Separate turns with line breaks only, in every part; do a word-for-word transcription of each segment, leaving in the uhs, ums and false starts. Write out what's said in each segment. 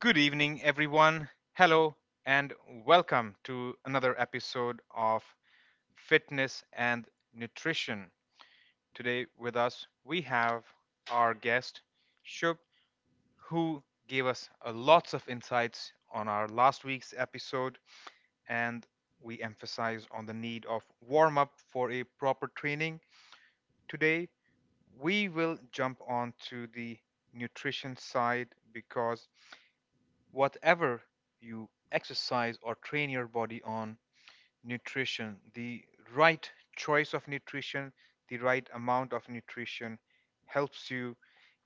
Good evening, everyone. Hello, and welcome to another episode of Fitness and Nutrition. Today, with us, we have our guest, Shub, who gave us a lots of insights on our last week's episode, and we emphasize on the need of warm up for a proper training. Today, we will jump on to the nutrition side because whatever you exercise or train your body on nutrition, the right choice of nutrition, the right amount of nutrition helps you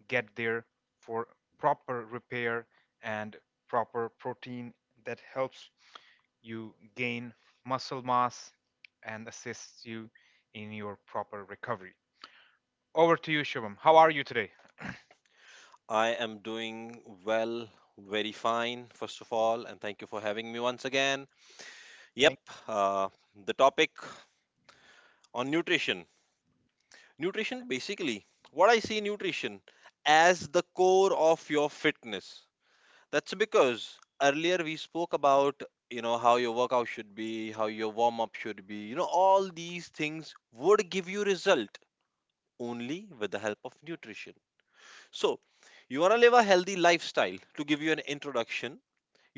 get there for proper repair and proper protein that helps you gain muscle mass and assists you in your proper recovery. Over to you, Shivam. How are you today?
I am doing well, very fine, first of all, and thank you for having me once again.
Thank-
Yep.
you.
Uh, the topic on nutrition. Nutrition, basically, what I see nutrition as the core of your fitness. That's because earlier we spoke about, you know, how your workout should be, how your warm up should be. You know, all these things would give you result only with the help of nutrition. So, you want to live a healthy lifestyle, to give you an introduction.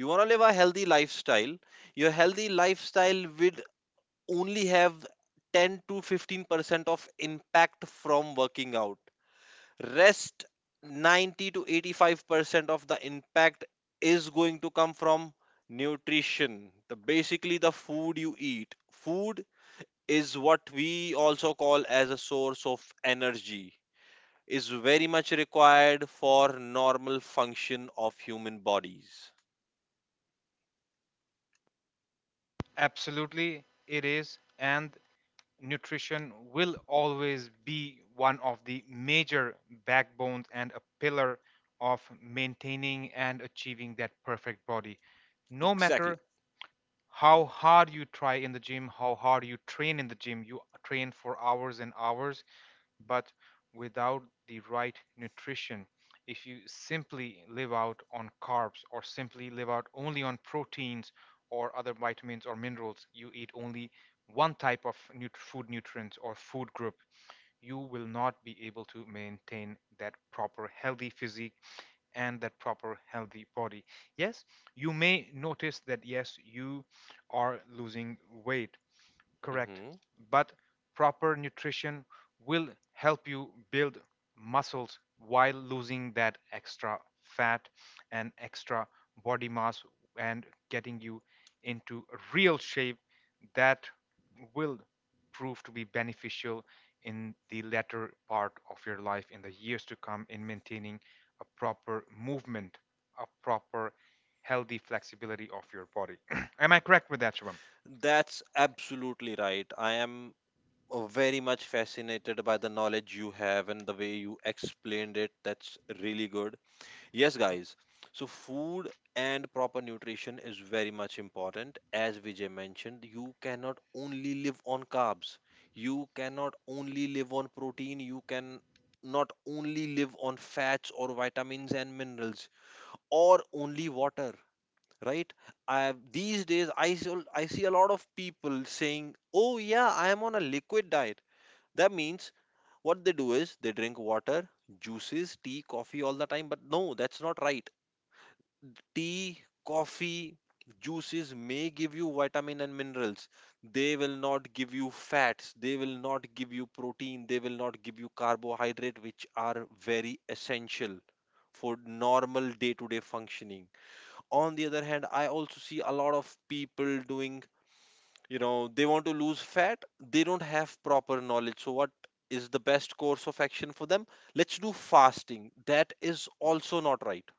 You want to live a healthy lifestyle. Your healthy lifestyle will only have ten to fifteen percent of impact from working out. Rest ninety to eighty-five percent of the impact is going to come from nutrition. The basically the food you eat. Food is what we also call as a source of energy is very much required for normal function of human bodies.
Absolutely it is, and nutrition will always be one of the major backbones and a pillar of maintaining and achieving that perfect body. No
Exactly.
matter how hard you try in the gym, how hard you train in the gym, you train for hours and hours, but without the right nutrition, if you simply live out on carbs or simply live out only on proteins or other vitamins or minerals, you eat only one type of nut- food nutrients or food group, you will not be able to maintain that proper healthy physique and that proper healthy body. Yes, you may notice that yes, you are losing weight. Correct.
Mhm.
But proper nutrition will help you build muscles while losing that extra fat and extra body mass and getting you into real shape that will prove to be beneficial in the latter part of your life, in the years to come, in maintaining a proper movement, a proper healthy flexibility of your body. Am I correct with that, Shubham?
That's absolutely right. I am uh, very much fascinated by the knowledge you have and the way you explained it. That's really good. Yes, guys. So, food and proper nutrition is very much important. As Vijay mentioned, you cannot only live on carbs, you cannot only live on protein, you can not only live on fats or vitamins and minerals or only water, right? I these days i see, I see a lot of people saying, oh yeah, I am on a liquid diet. That means what they do is they drink water, juices, tea, coffee all the time, but no, that's not right. Tea, coffee, juices may give you vitamin and minerals. They will not give you fats, they will not give you protein, they will not give you carbohydrate, which are very essential for normal day to day functioning. On the other hand, I also see a lot of people doing, you know they want to lose fat, they don't have proper knowledge, so what is the best course of action for them? Let's do fasting. That is also not right.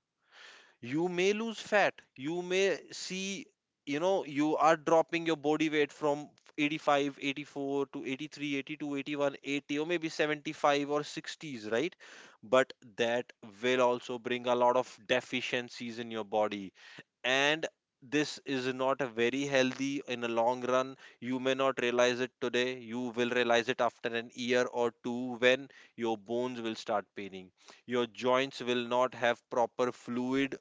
You may lose fat, you may see, you know you are dropping your body weight from eighty-five, eighty-four to eighty-three, eighty-two, eighty-one, eighty, or maybe seventy-five or sixties, right? But that will also bring a lot of deficiencies in your body, and this is not a very healthy in a long run. You may not realize it today, you will realize it after an year or two, when your bones will start paining, your joints will not have proper fluid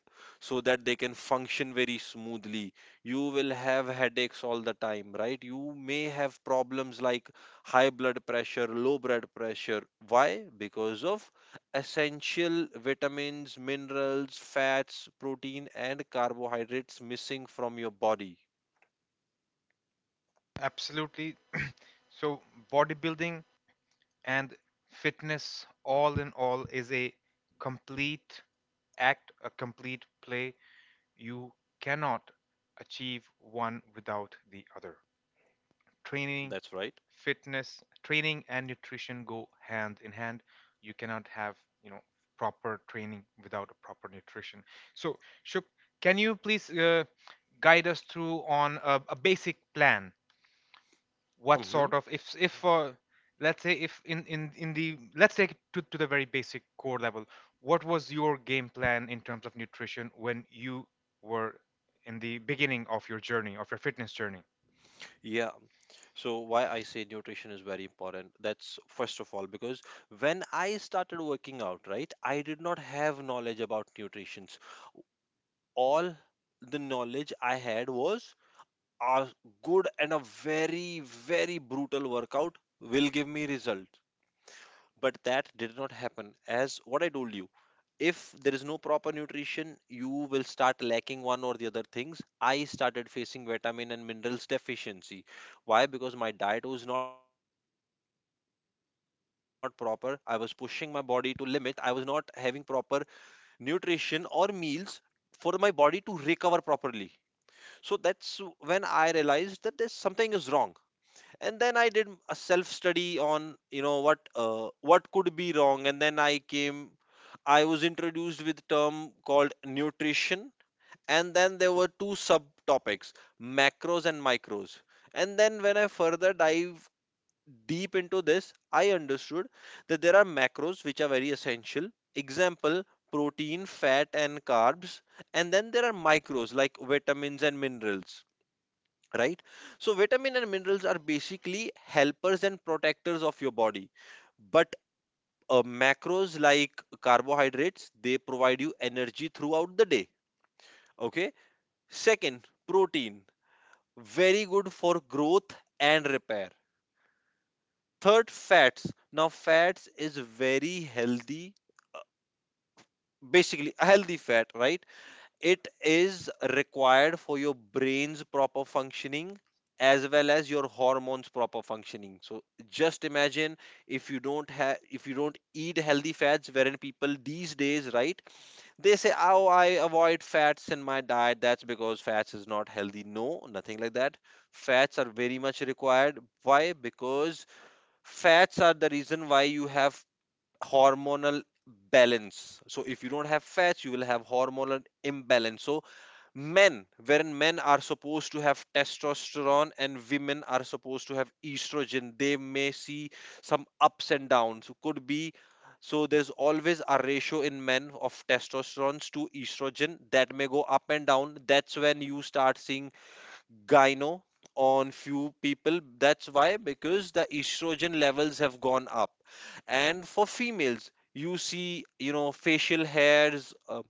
so that they can function very smoothly. You will have headaches all the time, right? You may have problems like high blood pressure, low blood pressure. Why? Because of essential vitamins, minerals, fats, protein, and carbohydrates missing from your body.
Absolutely. So, bodybuilding and fitness, all in all, is a complete act, a complete play. You cannot achieve one without the other. Training,
That's right.
fitness, training and nutrition go hand in hand. You cannot have, you know, proper training without a proper nutrition. So, Shuk, can you please uh, guide us through on a, a basic plan, what
Hmm.
sort of if if for, let's say, if in in in the, let's take it to, to the very basic core level, what was your game plan in terms of nutrition when you were in the beginning of your journey, of your fitness journey?
Yeah. So why I say nutrition is very important. That's first of all because when I started working out, right, I did not have knowledge about nutrition. All the knowledge I had was a good and a very very brutal workout will give me result. But that did not happen. As what I told you, if there is no proper nutrition, you will start lacking one or the other things. I started facing vitamin and minerals deficiency. Why? Because my diet was not proper, I was pushing my body to limit, I was not having proper nutrition or meals for my body to recover properly. So that's when I realized that there's something is wrong. And then I did a self study on you know what uh, what could be wrong, and then i came I was introduced with term called nutrition. And then there were two subtopics, macros and micros. And then when I further dive deep into this, I understood that there are macros which are very essential. Example, protein, fat, and carbs. And then there are micros like vitamins and minerals, right? So vitamin and minerals are basically helpers and protectors of your body. But uh, macros like carbohydrates, they provide you energy throughout the day. Okay. Second, protein, very good for growth and repair. Third, fats. Now fats is very healthy, basically a healthy fat, right? It is required for your brain's proper functioning as well as your hormones proper functioning. So just imagine, if you don't have if you don't eat healthy fats, wherein people these days, right, they say, oh, I avoid fats in my diet, that's because fats is not healthy. No, nothing like that. Fats are very much required. Why? Because fats are the reason why you have hormonal balance. So if you don't have fats, you will have hormonal imbalance. So men wherein men are supposed to have testosterone and women are supposed to have estrogen, they may see some ups and downs, could be. So there's always a ratio in men of testosterone to estrogen that may go up and down. That's when you start seeing gyno on few people. That's why. Because the estrogen levels have gone up. And for females, you see, you know facial hairs, uh,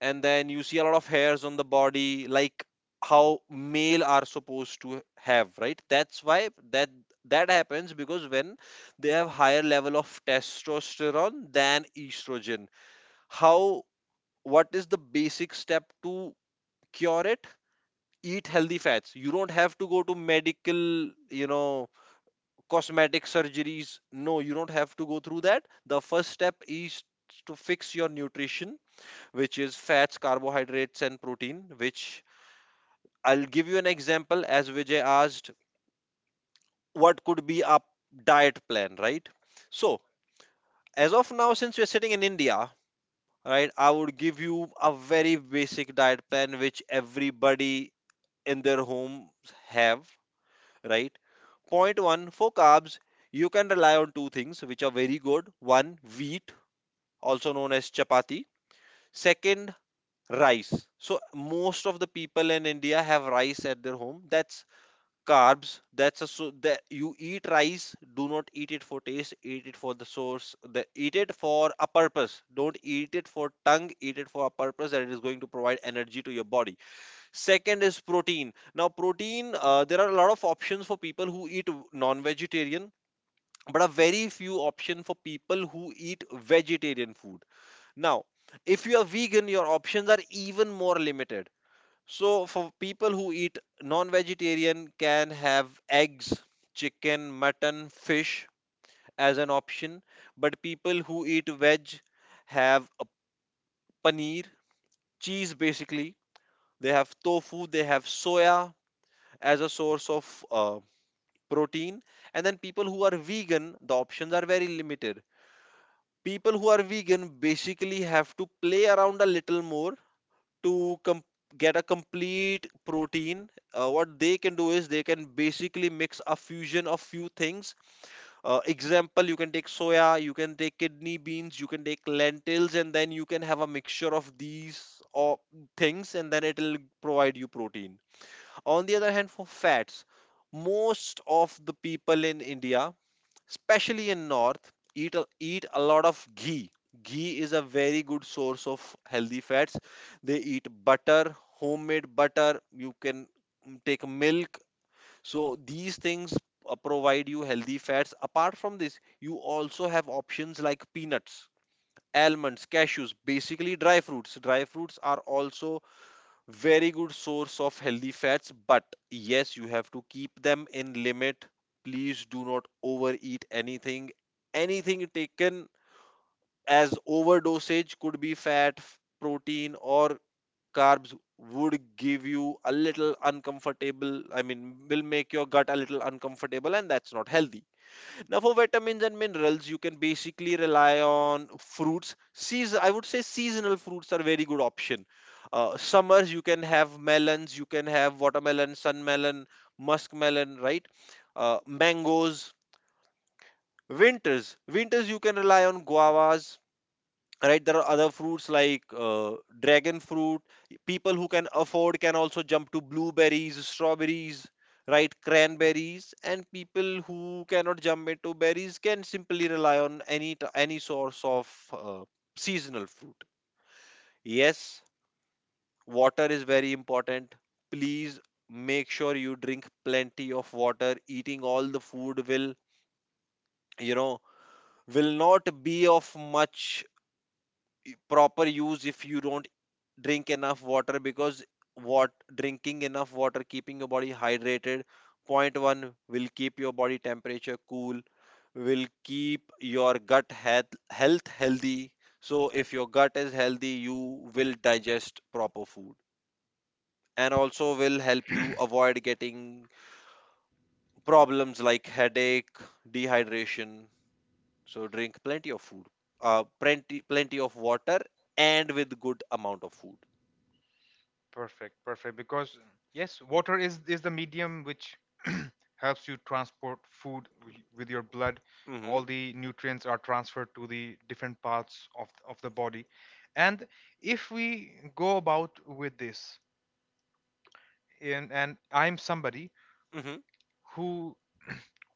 and then you see a lot of hairs on the body, like how male are supposed to have, right? That's why that that happens. Because when they have higher level of testosterone than estrogen. How? What is the basic step to cure it? Eat healthy fats. You don't have to go to medical, you know cosmetic surgeries. No, you don't have to go through that. The first step is to fix your nutrition, which is fats, carbohydrates, and protein. Which I'll give you an example as Vijay asked, what could be a diet plan, right? So, as of now, since we're sitting in India, right, I would give you a very basic diet plan which everybody in their homes have, right? Point one, for carbs, you can rely on two things which are very good. One, wheat, also known as chapati. Second, rice. So most of the people in India have rice at their home. That's carbs. That's a so that you eat rice, do not eat it for taste, eat it for the source, the, eat it for a purpose, don't eat it for tongue, eat it for a purpose that it is going to provide energy to your body. Second is protein. Now protein, uh, there are a lot of options for people who eat non-vegetarian, but a very few option for people who eat vegetarian food. Now, if you are vegan, your options are even more limited. So for people who eat non-vegetarian can have eggs, chicken, mutton, fish as an option, but people who eat veg have a paneer, cheese basically. They have tofu, they have soya as a source of uh, protein. And then people who are vegan, the options are very limited. People who are vegan basically have to play around a little more to com- get a complete protein. Uh, what they can do is they can basically mix a fusion of few things. Uh, example, you can take soya, you can take kidney beans, you can take lentils, and then you can have a mixture of these or things, and then it'll provide you protein. On the other hand, for fats, most of the people in India, especially in north, eat a, eat a lot of ghee. Ghee is a very good source of healthy fats. They eat butter, homemade butter. You can mm, take milk. So these things uh, provide you healthy fats. Apart from this, you also have options like peanuts, almonds, cashews, basically dry fruits. Dry fruits are also very good source of healthy fats, but yes, you have to keep them in limit. Please do not overeat anything. Anything taken as overdosage could be fat, f- protein, or carbs, would give you a a little little uncomfortable. Uncomfortable, I mean, will make your gut a little uncomfortable, and that's not healthy. Now, for vitamins and minerals, you can basically rely on fruits. Seas- I would say seasonal fruits are very good option. Uh, summers, you can have melons, you can have watermelon, sunmelon, muskmelon, right? Uh, mangoes. Winters, winters, you can rely on guavas, right? There are other fruits like uh, dragon fruit. People who can afford can also jump to blueberries, strawberries, right, cranberries. And people who cannot jump into berries can simply rely on any t- any source of uh, seasonal fruit. Yes, water is very important. Please make sure you drink plenty of water. Eating all the food will you know will not be of much proper use if you don't drink enough water. Because what drinking enough water, keeping your body hydrated, point one, will keep your body temperature cool, will keep your gut health, health healthy. So if your gut is healthy, you will digest proper food and also will help you avoid getting problems like headache, dehydration. So drink plenty of food, uh, plenty plenty of water and with good amount of food.
Perfect, perfect, because yes, water is is the medium which helps you transport food wi- with your blood. All
Mhm.
the nutrients are transferred to the different parts of of the body. And if we go about with this, and and I'm somebody
Mhm.
who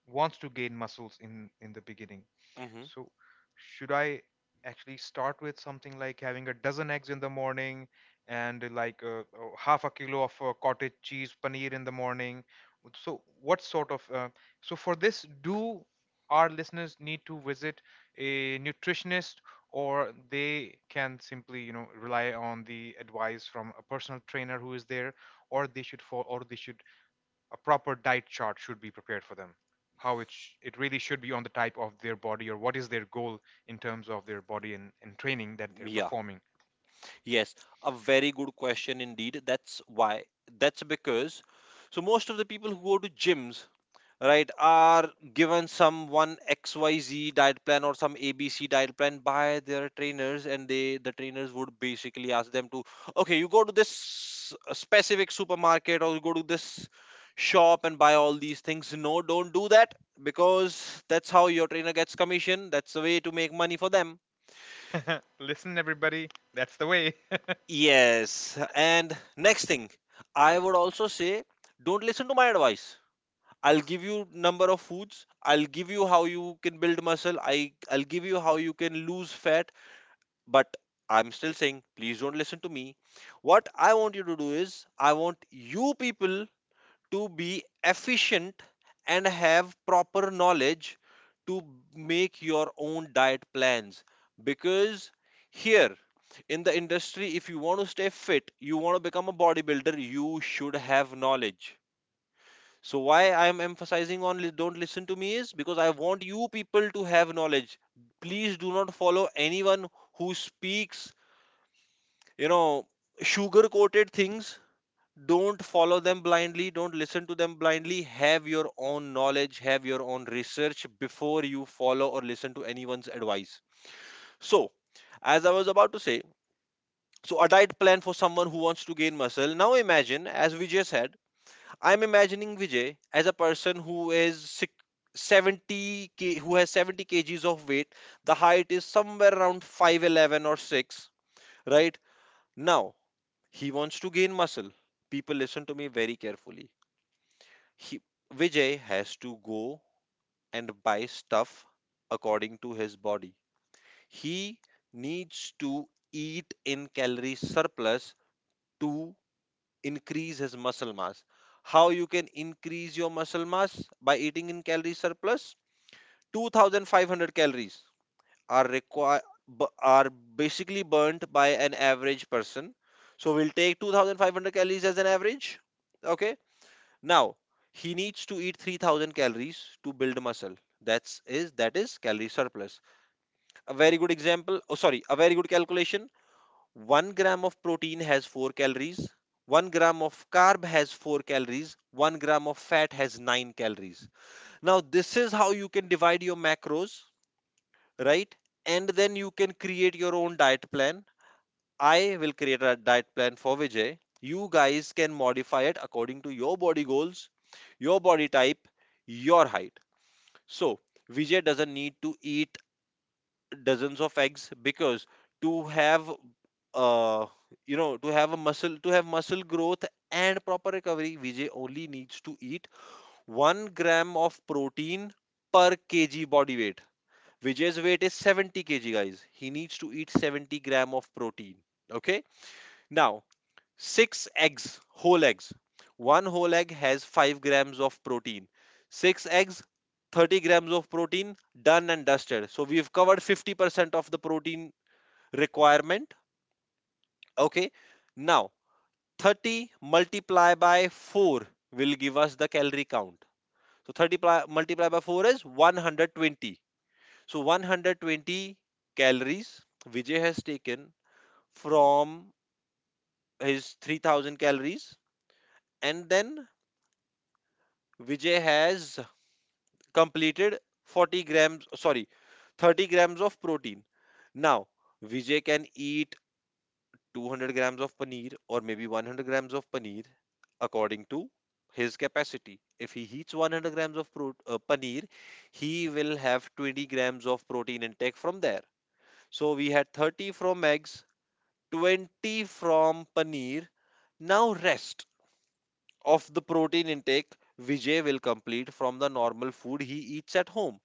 wants to gain muscles in in the beginning,
Mhm.
so should I actually start with something like having a dozen eggs in the morning and like uh, uh, half a kilo of uh, cottage cheese paneer in the morning? So what sort of uh, so for this, do our listeners need to visit a nutritionist, or they can simply, you know, rely on the advice from a personal trainer who is there, or they should fall, or they should, a proper diet chart should be prepared for them? How it sh- it really should be on the type of their body, or what is their goal in terms of their body and, and training that they're
Yeah.
performing?
Yes. A very good question indeed. That's why. That's because so most of the people who go to gyms, right, are given some one X Y Z diet plan or some A B C diet plan by their trainers, and they the trainers would basically ask them to, okay, you go to this uh, specific supermarket or you go to this shop and buy all these things. No, don't do that because that's how your trainer gets commission. That's the way to make money for them.
Listen, everybody, that's the way.
Yes, and next thing, I would also say don't listen to my advice. I'll give you number of foods, I'll give you how you can build muscle, I I'll give you how you can lose fat, but I'm still saying, please don't listen to me. What I want you to do is I want you people to be efficient and have proper knowledge to make your own diet plans, because here in the industry, if you want to stay fit, you want to become a bodybuilder, you should have knowledge. So why I am emphasizing on li- don't listen to me is because I want you people to have knowledge. Please do not follow anyone who speaks you know sugar coated things. Don't follow them blindly, don't listen to them blindly, have your own knowledge, have your own research before you follow or listen to anyone's advice. So, as I was about to say, so a diet plan for someone who wants to gain muscle, now imagine, as Vijay said, I'm imagining Vijay as a person who is sick, 70 k, who has seventy kgs of weight, the height is somewhere around five'eleven or six, right? Now he wants to gain muscle. People, listen to me very carefully. He, Vijay has to go and buy stuff according to his body. He needs to eat in calorie surplus to increase his muscle mass. How you can increase your muscle mass by eating in calorie surplus? two thousand five hundred calories are require are basically burnt by an average person. So we'll take two thousand five hundred calories as an average. Okay. Now, he needs to eat three thousand calories to build muscle. That's is that is calorie surplus. A very good example, oh sorry, a very good calculation. one gram of protein has four calories. one gram of carb has four calories. one gram of fat has nine calories. Now, this is how you can divide your macros, right? And then you can create your own diet plan. I will create a diet plan for Vijay. You guys can modify it according to your body goals, your body type, your height. So, Vijay doesn't need to eat dozens of eggs, because to have uh you know to have a muscle to have muscle growth and proper recovery, Vijay only needs to eat one gram of protein per kg body weight. Vijay's weight is seventy kg, guys. He needs to eat seventy gram of protein. Okay? Now, six eggs, whole eggs. One whole egg has five grams of protein. Six eggs, thirty grams of protein, done and dusted. So we've covered fifty percent of the protein requirement. Okay. Now, thirty multiplied by four will give us the calorie count. So thirty pli- multiplied by four is one hundred twenty. So one hundred twenty calories Vijay has taken from his three thousand calories, and then Vijay has completed forty grams, sorry, thirty grams of protein. Now, Vijay can eat two hundred grams of paneer, or maybe one hundred grams of paneer according to his capacity. If he eats one hundred grams of pro- uh, paneer, he will have twenty grams of protein intake from there. So we had thirty from eggs, twenty from paneer. Now, rest of the protein intake Vijay will complete from the normal food he eats at home.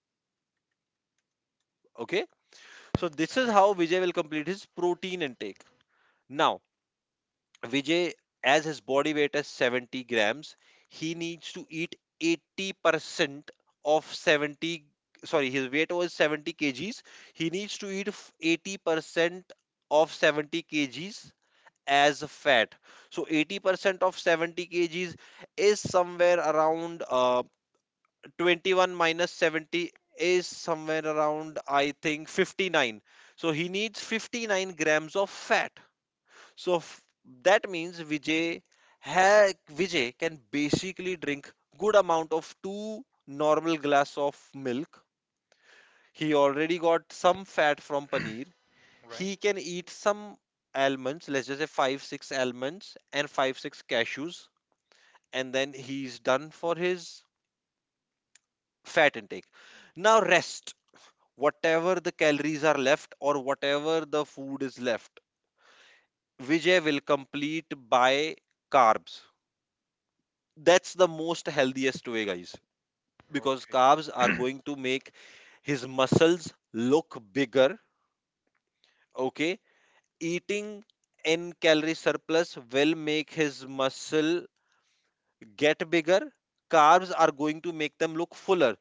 Okay. So this is how Vijay will complete his protein intake. Now, Vijay, as his body weight is seventy grams, he needs to eat eighty percent of seventy. Sorry, his weight was seventy kgs. He needs to eat f- eighty percent of seventy kgs as a fat. So eighty percent of seventy kgs is somewhere around uh, twenty-one minus seventy is somewhere around, I think, fifty-nine. So he needs fifty-nine grams of fat. So f- that means vijay ha- Vijay can basically drink good amount of two normal glass of milk. He already got some fat from paneer.
Right.
He can eat some almonds, let's just say five six almonds and five six cashews, and then he's done for his fat intake. Now, rest, whatever the calories are left or whatever the food is left, Vijay will complete by carbs. That's the most healthiest way, guys, because
Okay.
carbs are going to make his muscles look bigger. Okay, eating in calorie surplus will make his muscle get bigger. Carbs are going to make them look fuller.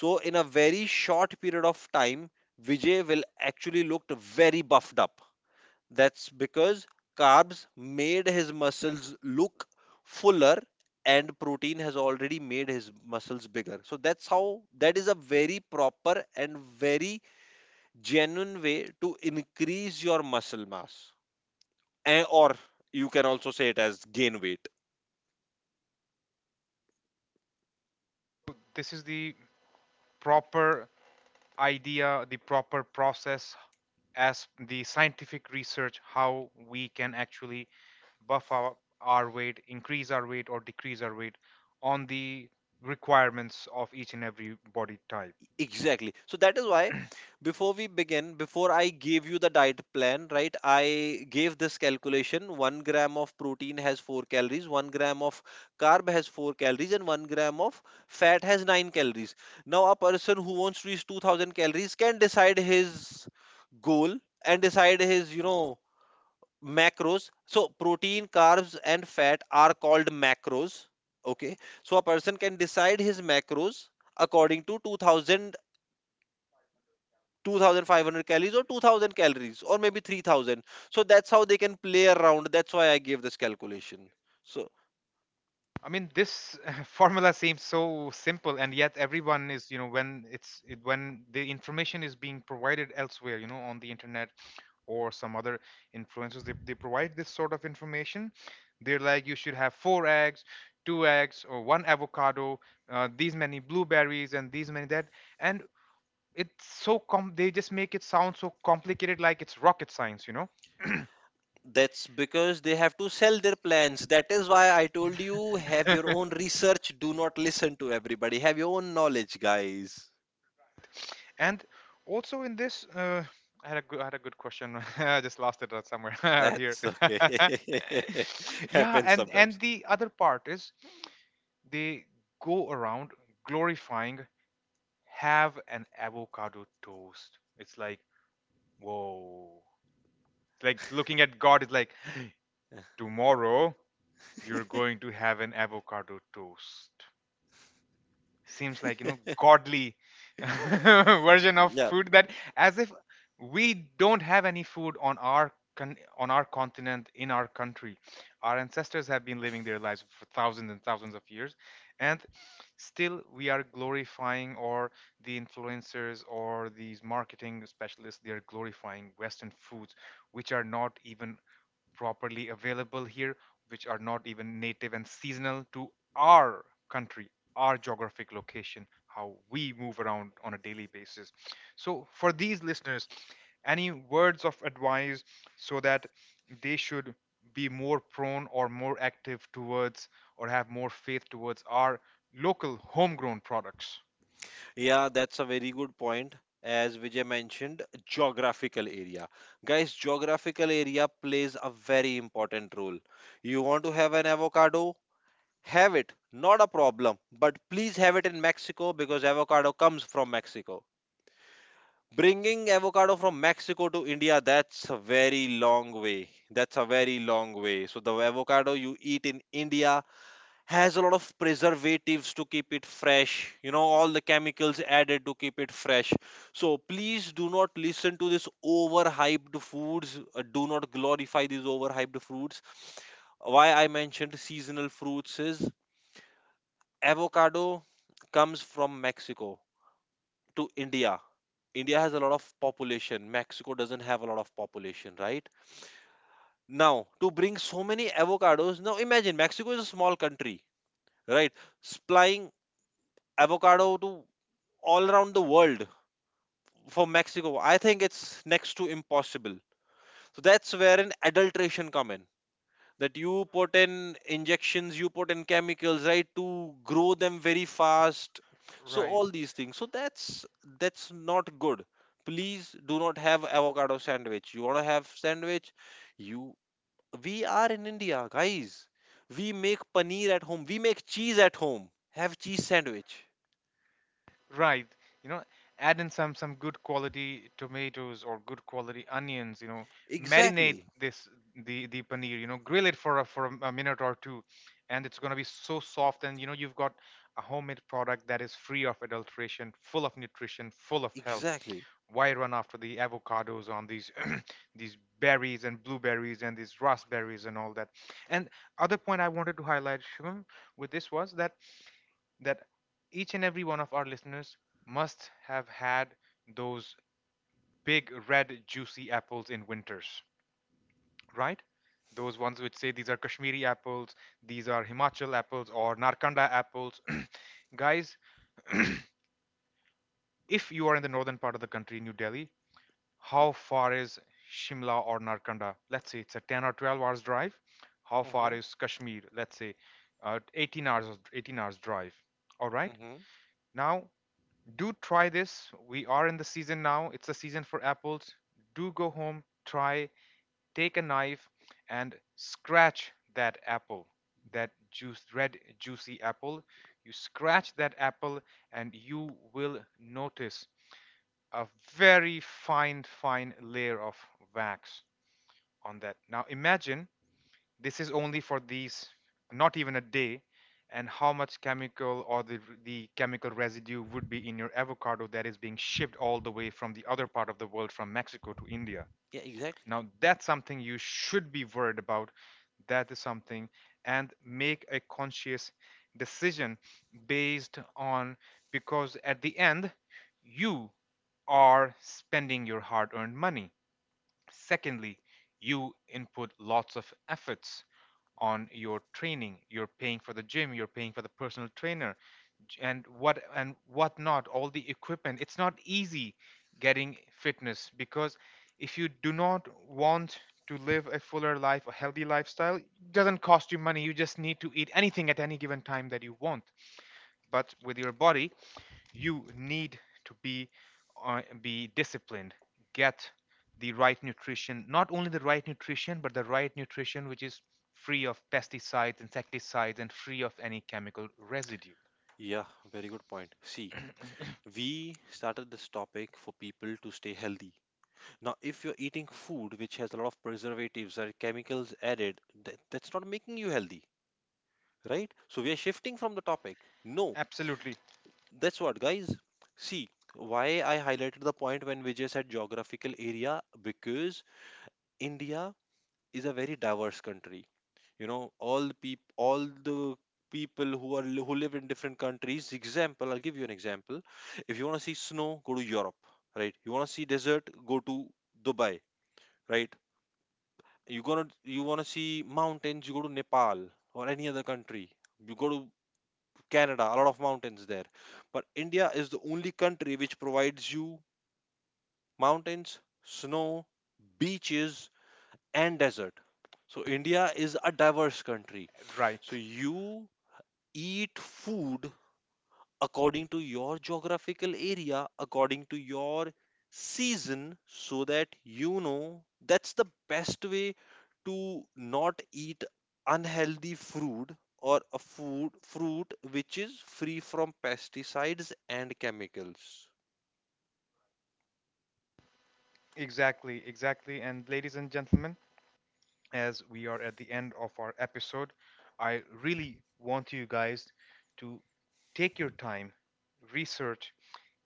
So in a very short period of time, Vijay will actually look very buffed up. That's because carbs made his muscles look fuller, and protein has already made his muscles bigger. So that's how that is a very proper and very genuine way to increase your muscle mass. And or you can also say it as gain weight.
So this is the proper idea, the proper process, as the scientific research, how we can actually buff our, our weight, increase our weight or decrease our weight on the requirements of each and every body type.
Exactly. So that is why before we begin, before I gave you the diet plan, right, I gave this calculation. One gram of protein has four calories, one gram of carb has four calories, and one gram of fat has nine calories. Now, a person who wants to reach two thousand calories can decide his goal and decide his, you know, macros. So protein, carbs, and fat are called macros. Okay. So a person can decide his macros according to two thousand, two thousand five hundred calories, or two thousand calories, or maybe three thousand. So that's how they can play around. That's why I gave this calculation. So
I mean, this formula seems so simple, and yet everyone is, you know, when it's it, when the information is being provided elsewhere, you know, on the internet or some other influencers, they, they provide this sort of information. They're like, you should have four eggs, two eggs, or one avocado, uh, these many blueberries, and these many that. And it's so com, they just make it sound so complicated, like it's rocket science, you know?
that's because they have to sell their plans. That is why I told you, have your own research, do not listen to everybody, have your own knowledge, guys.
And also in this, uh, I had a good, I had a good question. I just lost it out somewhere out here.
That's okay.
Yeah,
happens
and and
sometimes.
the other part is they go around glorifying, have an avocado toast. It's like whoa, like looking at God. Is like tomorrow you're going to have an avocado toast. Seems like, you know, godly version of
Yeah.
food, that as if we don't have any food on our con- on our continent, in our country. Our ancestors have been living their lives for thousands and thousands of years, and still we are glorifying, or the influencers or these marketing specialists, they are glorifying western foods which are not even properly available here, which are not even native and seasonal to our country, our geographic location, how we move around on a daily basis. So, for these listeners, any words of advice so that they should be more prone or more active towards, or have more faith towards our local homegrown products?
Yeah, that's a very good point. As Vijay mentioned, geographical area. Guys, geographical area plays a very important role. You want to have an avocado? Have it, not a problem. But please have it in Mexico, because avocado comes from Mexico. Bringing avocado from Mexico to India, that's a very long way. That's a very long way. So the avocado you eat in India has a lot of preservatives to keep it fresh you know all the chemicals added to keep it fresh. So please do not listen to this overhyped foods. Uh, do not glorify these overhyped fruits. Why I mentioned seasonal fruits is avocado comes from Mexico to India. India has a lot of population, Mexico doesn't have a lot of population, right? Now, to bring so many avocados, now imagine Mexico is a small country, right, supplying avocado to all around the world. For Mexico, I think it's next to impossible. So that's where an adulteration come in. That you put in injections, you put in chemicals, right, to grow them very fast. So
Right.
all these things. So that's that's not good. Please do not have avocado sandwich. You wanna have sandwich? You we are in India, guys. We make paneer at home. We make cheese at home. Have cheese sandwich.
Right. You know, add in some some good quality tomatoes or good quality onions, you know, marinate
Exactly.
this the the paneer, you know, grill it for a, for a, a minute or two, and it's going to be so soft, and you know you've got a homemade product that is free of adulteration, full of nutrition, full of health.
Exactly.
Why run after the avocados on these these berries and blueberries and these raspberries and all that? And other point I wanted to highlight, Shivam, with this was that that each and every one of our listeners must have had those big red juicy apples in winters, right? Those ones which say these are Kashmiri apples, these are Himachal apples, or Narkanda apples. Guys, if you are in the northern part of the country, New Delhi, how far is Shimla or Narkanda? Let's say it's a ten or twelve hours drive. How far
Hmm.
is Kashmir? Let's say uh, eighteen hours, eighteen hours drive. All right.
Mm-hmm.
Now do try this. We are in the season now. It's the season for apples. Do go home, try, take a knife, and scratch that apple, that juice, red, juicy apple. You scratch that apple, and you will notice a very fine, fine layer of wax on that. Now imagine this is only for these, not even a day, and how much chemical or the, the chemical residue would be in your avocado that is being shipped all the way from the other part of the world, from Mexico to India.
Yeah, exactly.
Now, that's something you should be worried about. That is something, and make a conscious decision based on, because at the end, you are spending your hard earned money. Secondly, you input lots of efforts on your training. You're paying for the gym, you're paying for the personal trainer, j- and what and what not, all the equipment. It's not easy getting fitness, because if you do not want to live a fuller life, a healthy lifestyle, it doesn't cost you money. You just need to eat anything at any given time that you want. But with your body, you need to be uh, be disciplined, get the right nutrition, not only the right nutrition, but the right nutrition which is free of pesticides, insecticides, and free of any chemical residue.
Yeah, very good point. See, we started this topic for people to stay healthy. Now, if you're eating food which has a lot of preservatives or chemicals added, that, that's not making you healthy, right? So we are shifting from the topic. No,
Absolutely
that's what, guys. See, why I highlighted the point when Vijay said geographical area, because India is a very diverse country. you know all the peop- all the people who are li- who live in different countries, example I'll give you an example. If you want to see snow, go to Europe. Right, you want to see desert, go to Dubai. Right, you gonna you want to see mountains, you go to Nepal or any other country. You go to Canada, a lot of mountains there. But India is the only country which provides you mountains, snow, beaches, and desert. So India is a diverse country. So
right.
you eat food according to your geographical area, according to your season, so that you know that's the best way to not eat unhealthy fruit or a food fruit which is free from pesticides and chemicals.
Exactly, exactly. And ladies and gentlemen, as we are at the end of our episode, I really want you guys to take your time, research,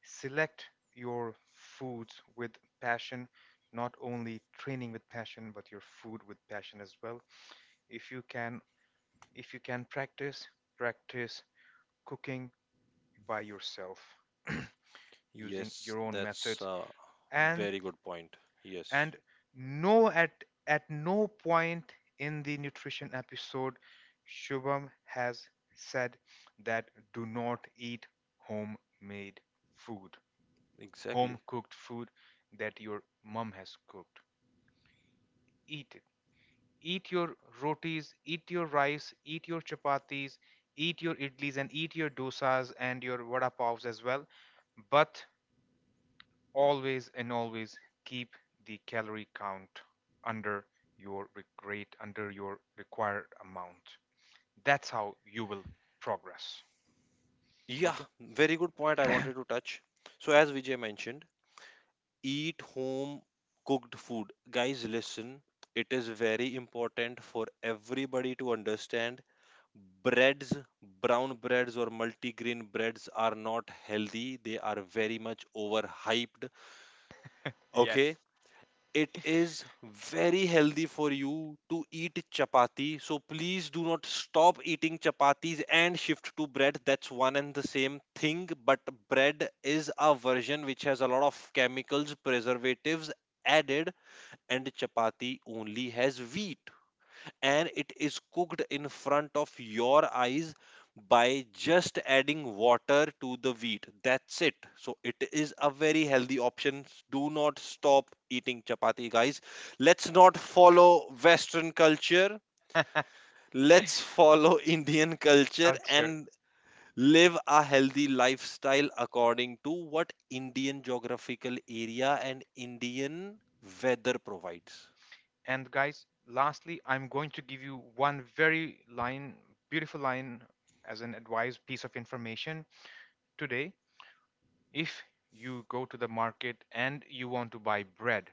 select your foods with passion, not only training with passion, but your food with passion as well. If you can, if you can practice, practice cooking by yourself. Using
Yes,
your own
that's
methods,
a
and
very good point. Yes,
and no, at at no point in the nutrition episode Shubham has said that do not eat homemade food, home
exactly.
cooked food that your mom has cooked. Eat it. Eat your rotis, eat your rice, eat your chapatis, eat your idlis, and eat your dosas and your vada pavs as well. But always and always keep the calorie count under your re- rate, under your required amount. That's how you will progress.
Yeah,
Okay?
very good point I wanted to touch. So, as Vijay mentioned, eat home cooked food. Guys, listen, it is very important for everybody to understand, breads, brown breads, or multigrain breads are not healthy. They are very much overhyped. Okay,
Yes.
it is very healthy for you to eat chapati. So please do not stop eating chapatis and shift to bread. That's one and the same thing. But bread is a version which has a lot of chemicals, preservatives added, and chapati only has wheat, and it is cooked in front of your eyes by just adding water to the wheat. That's it. So it is a very healthy option. Do not stop eating chapati, guys. Let's not follow Western culture. Let's follow Indian culture
Culture.
and live a healthy lifestyle according to what Indian geographical area and Indian weather provides.
And guys, lastly, I'm going to give you one very line, beautiful line, as an advice piece of information today. If you go to the market and you want to buy bread,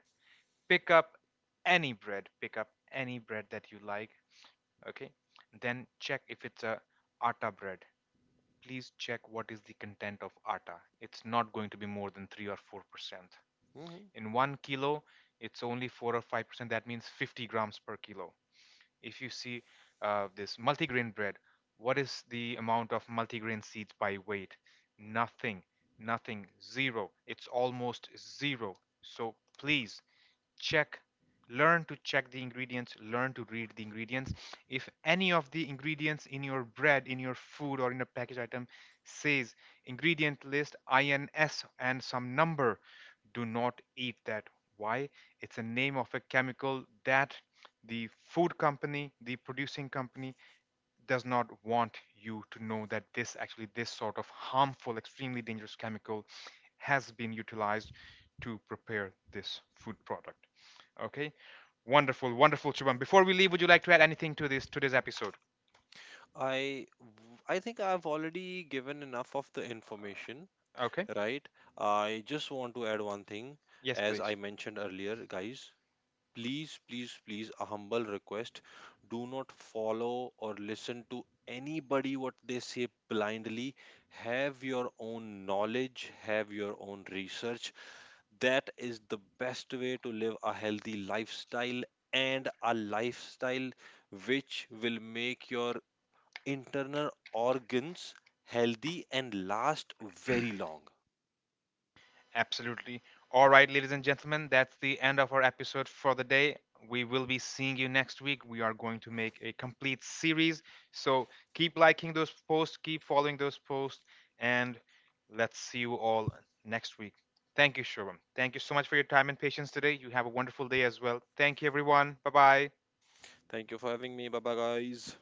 pick up any bread, pick up any bread that you like. Okay, then check if it's a atta bread. Please check what is the content of atta. It's not going to be more than three or four percent
Mhm.
in one kilo. It's only four or five percent, that means fifty grams per kilo. If you see uh, this multigrain bread, what is the amount of multigrain seeds by weight? Nothing, nothing, zero. It's almost zero. So please check, learn to check the ingredients, learn to read the ingredients. If any of the ingredients in your bread, in your food, or in a package item says ingredient list I N S and some number, do not eat that. Why? It's a name of a chemical that the food company, the producing company does not want you to know, that this actually this sort of harmful, extremely dangerous chemical has been utilized to prepare this food product. Okay? Wonderful, wonderful, Shubham. Before we leave, would you like to add anything to this today's episode?
I w- I think I've already given enough of the information,
Okay?
right? I just want to add one thing,
Yes,
as I
please.
mentioned earlier, guys, please, please, please, a humble request, do not follow or listen to anybody what they say blindly. Have your own knowledge, have your own research. That is the best way to live a healthy lifestyle and a lifestyle which will make your internal organs healthy and last very long.
Absolutely. All right, ladies and gentlemen, that's the end of our episode for the day. We will be seeing you next week. We are going to make a complete series. So keep liking those posts, keep following those posts, and let's see you all next week. Thank you, Shubham. Thank you so much for your time and patience today. You have a wonderful day as well. Thank you, everyone. Bye bye.
Thank you for having me. Bye bye, guys.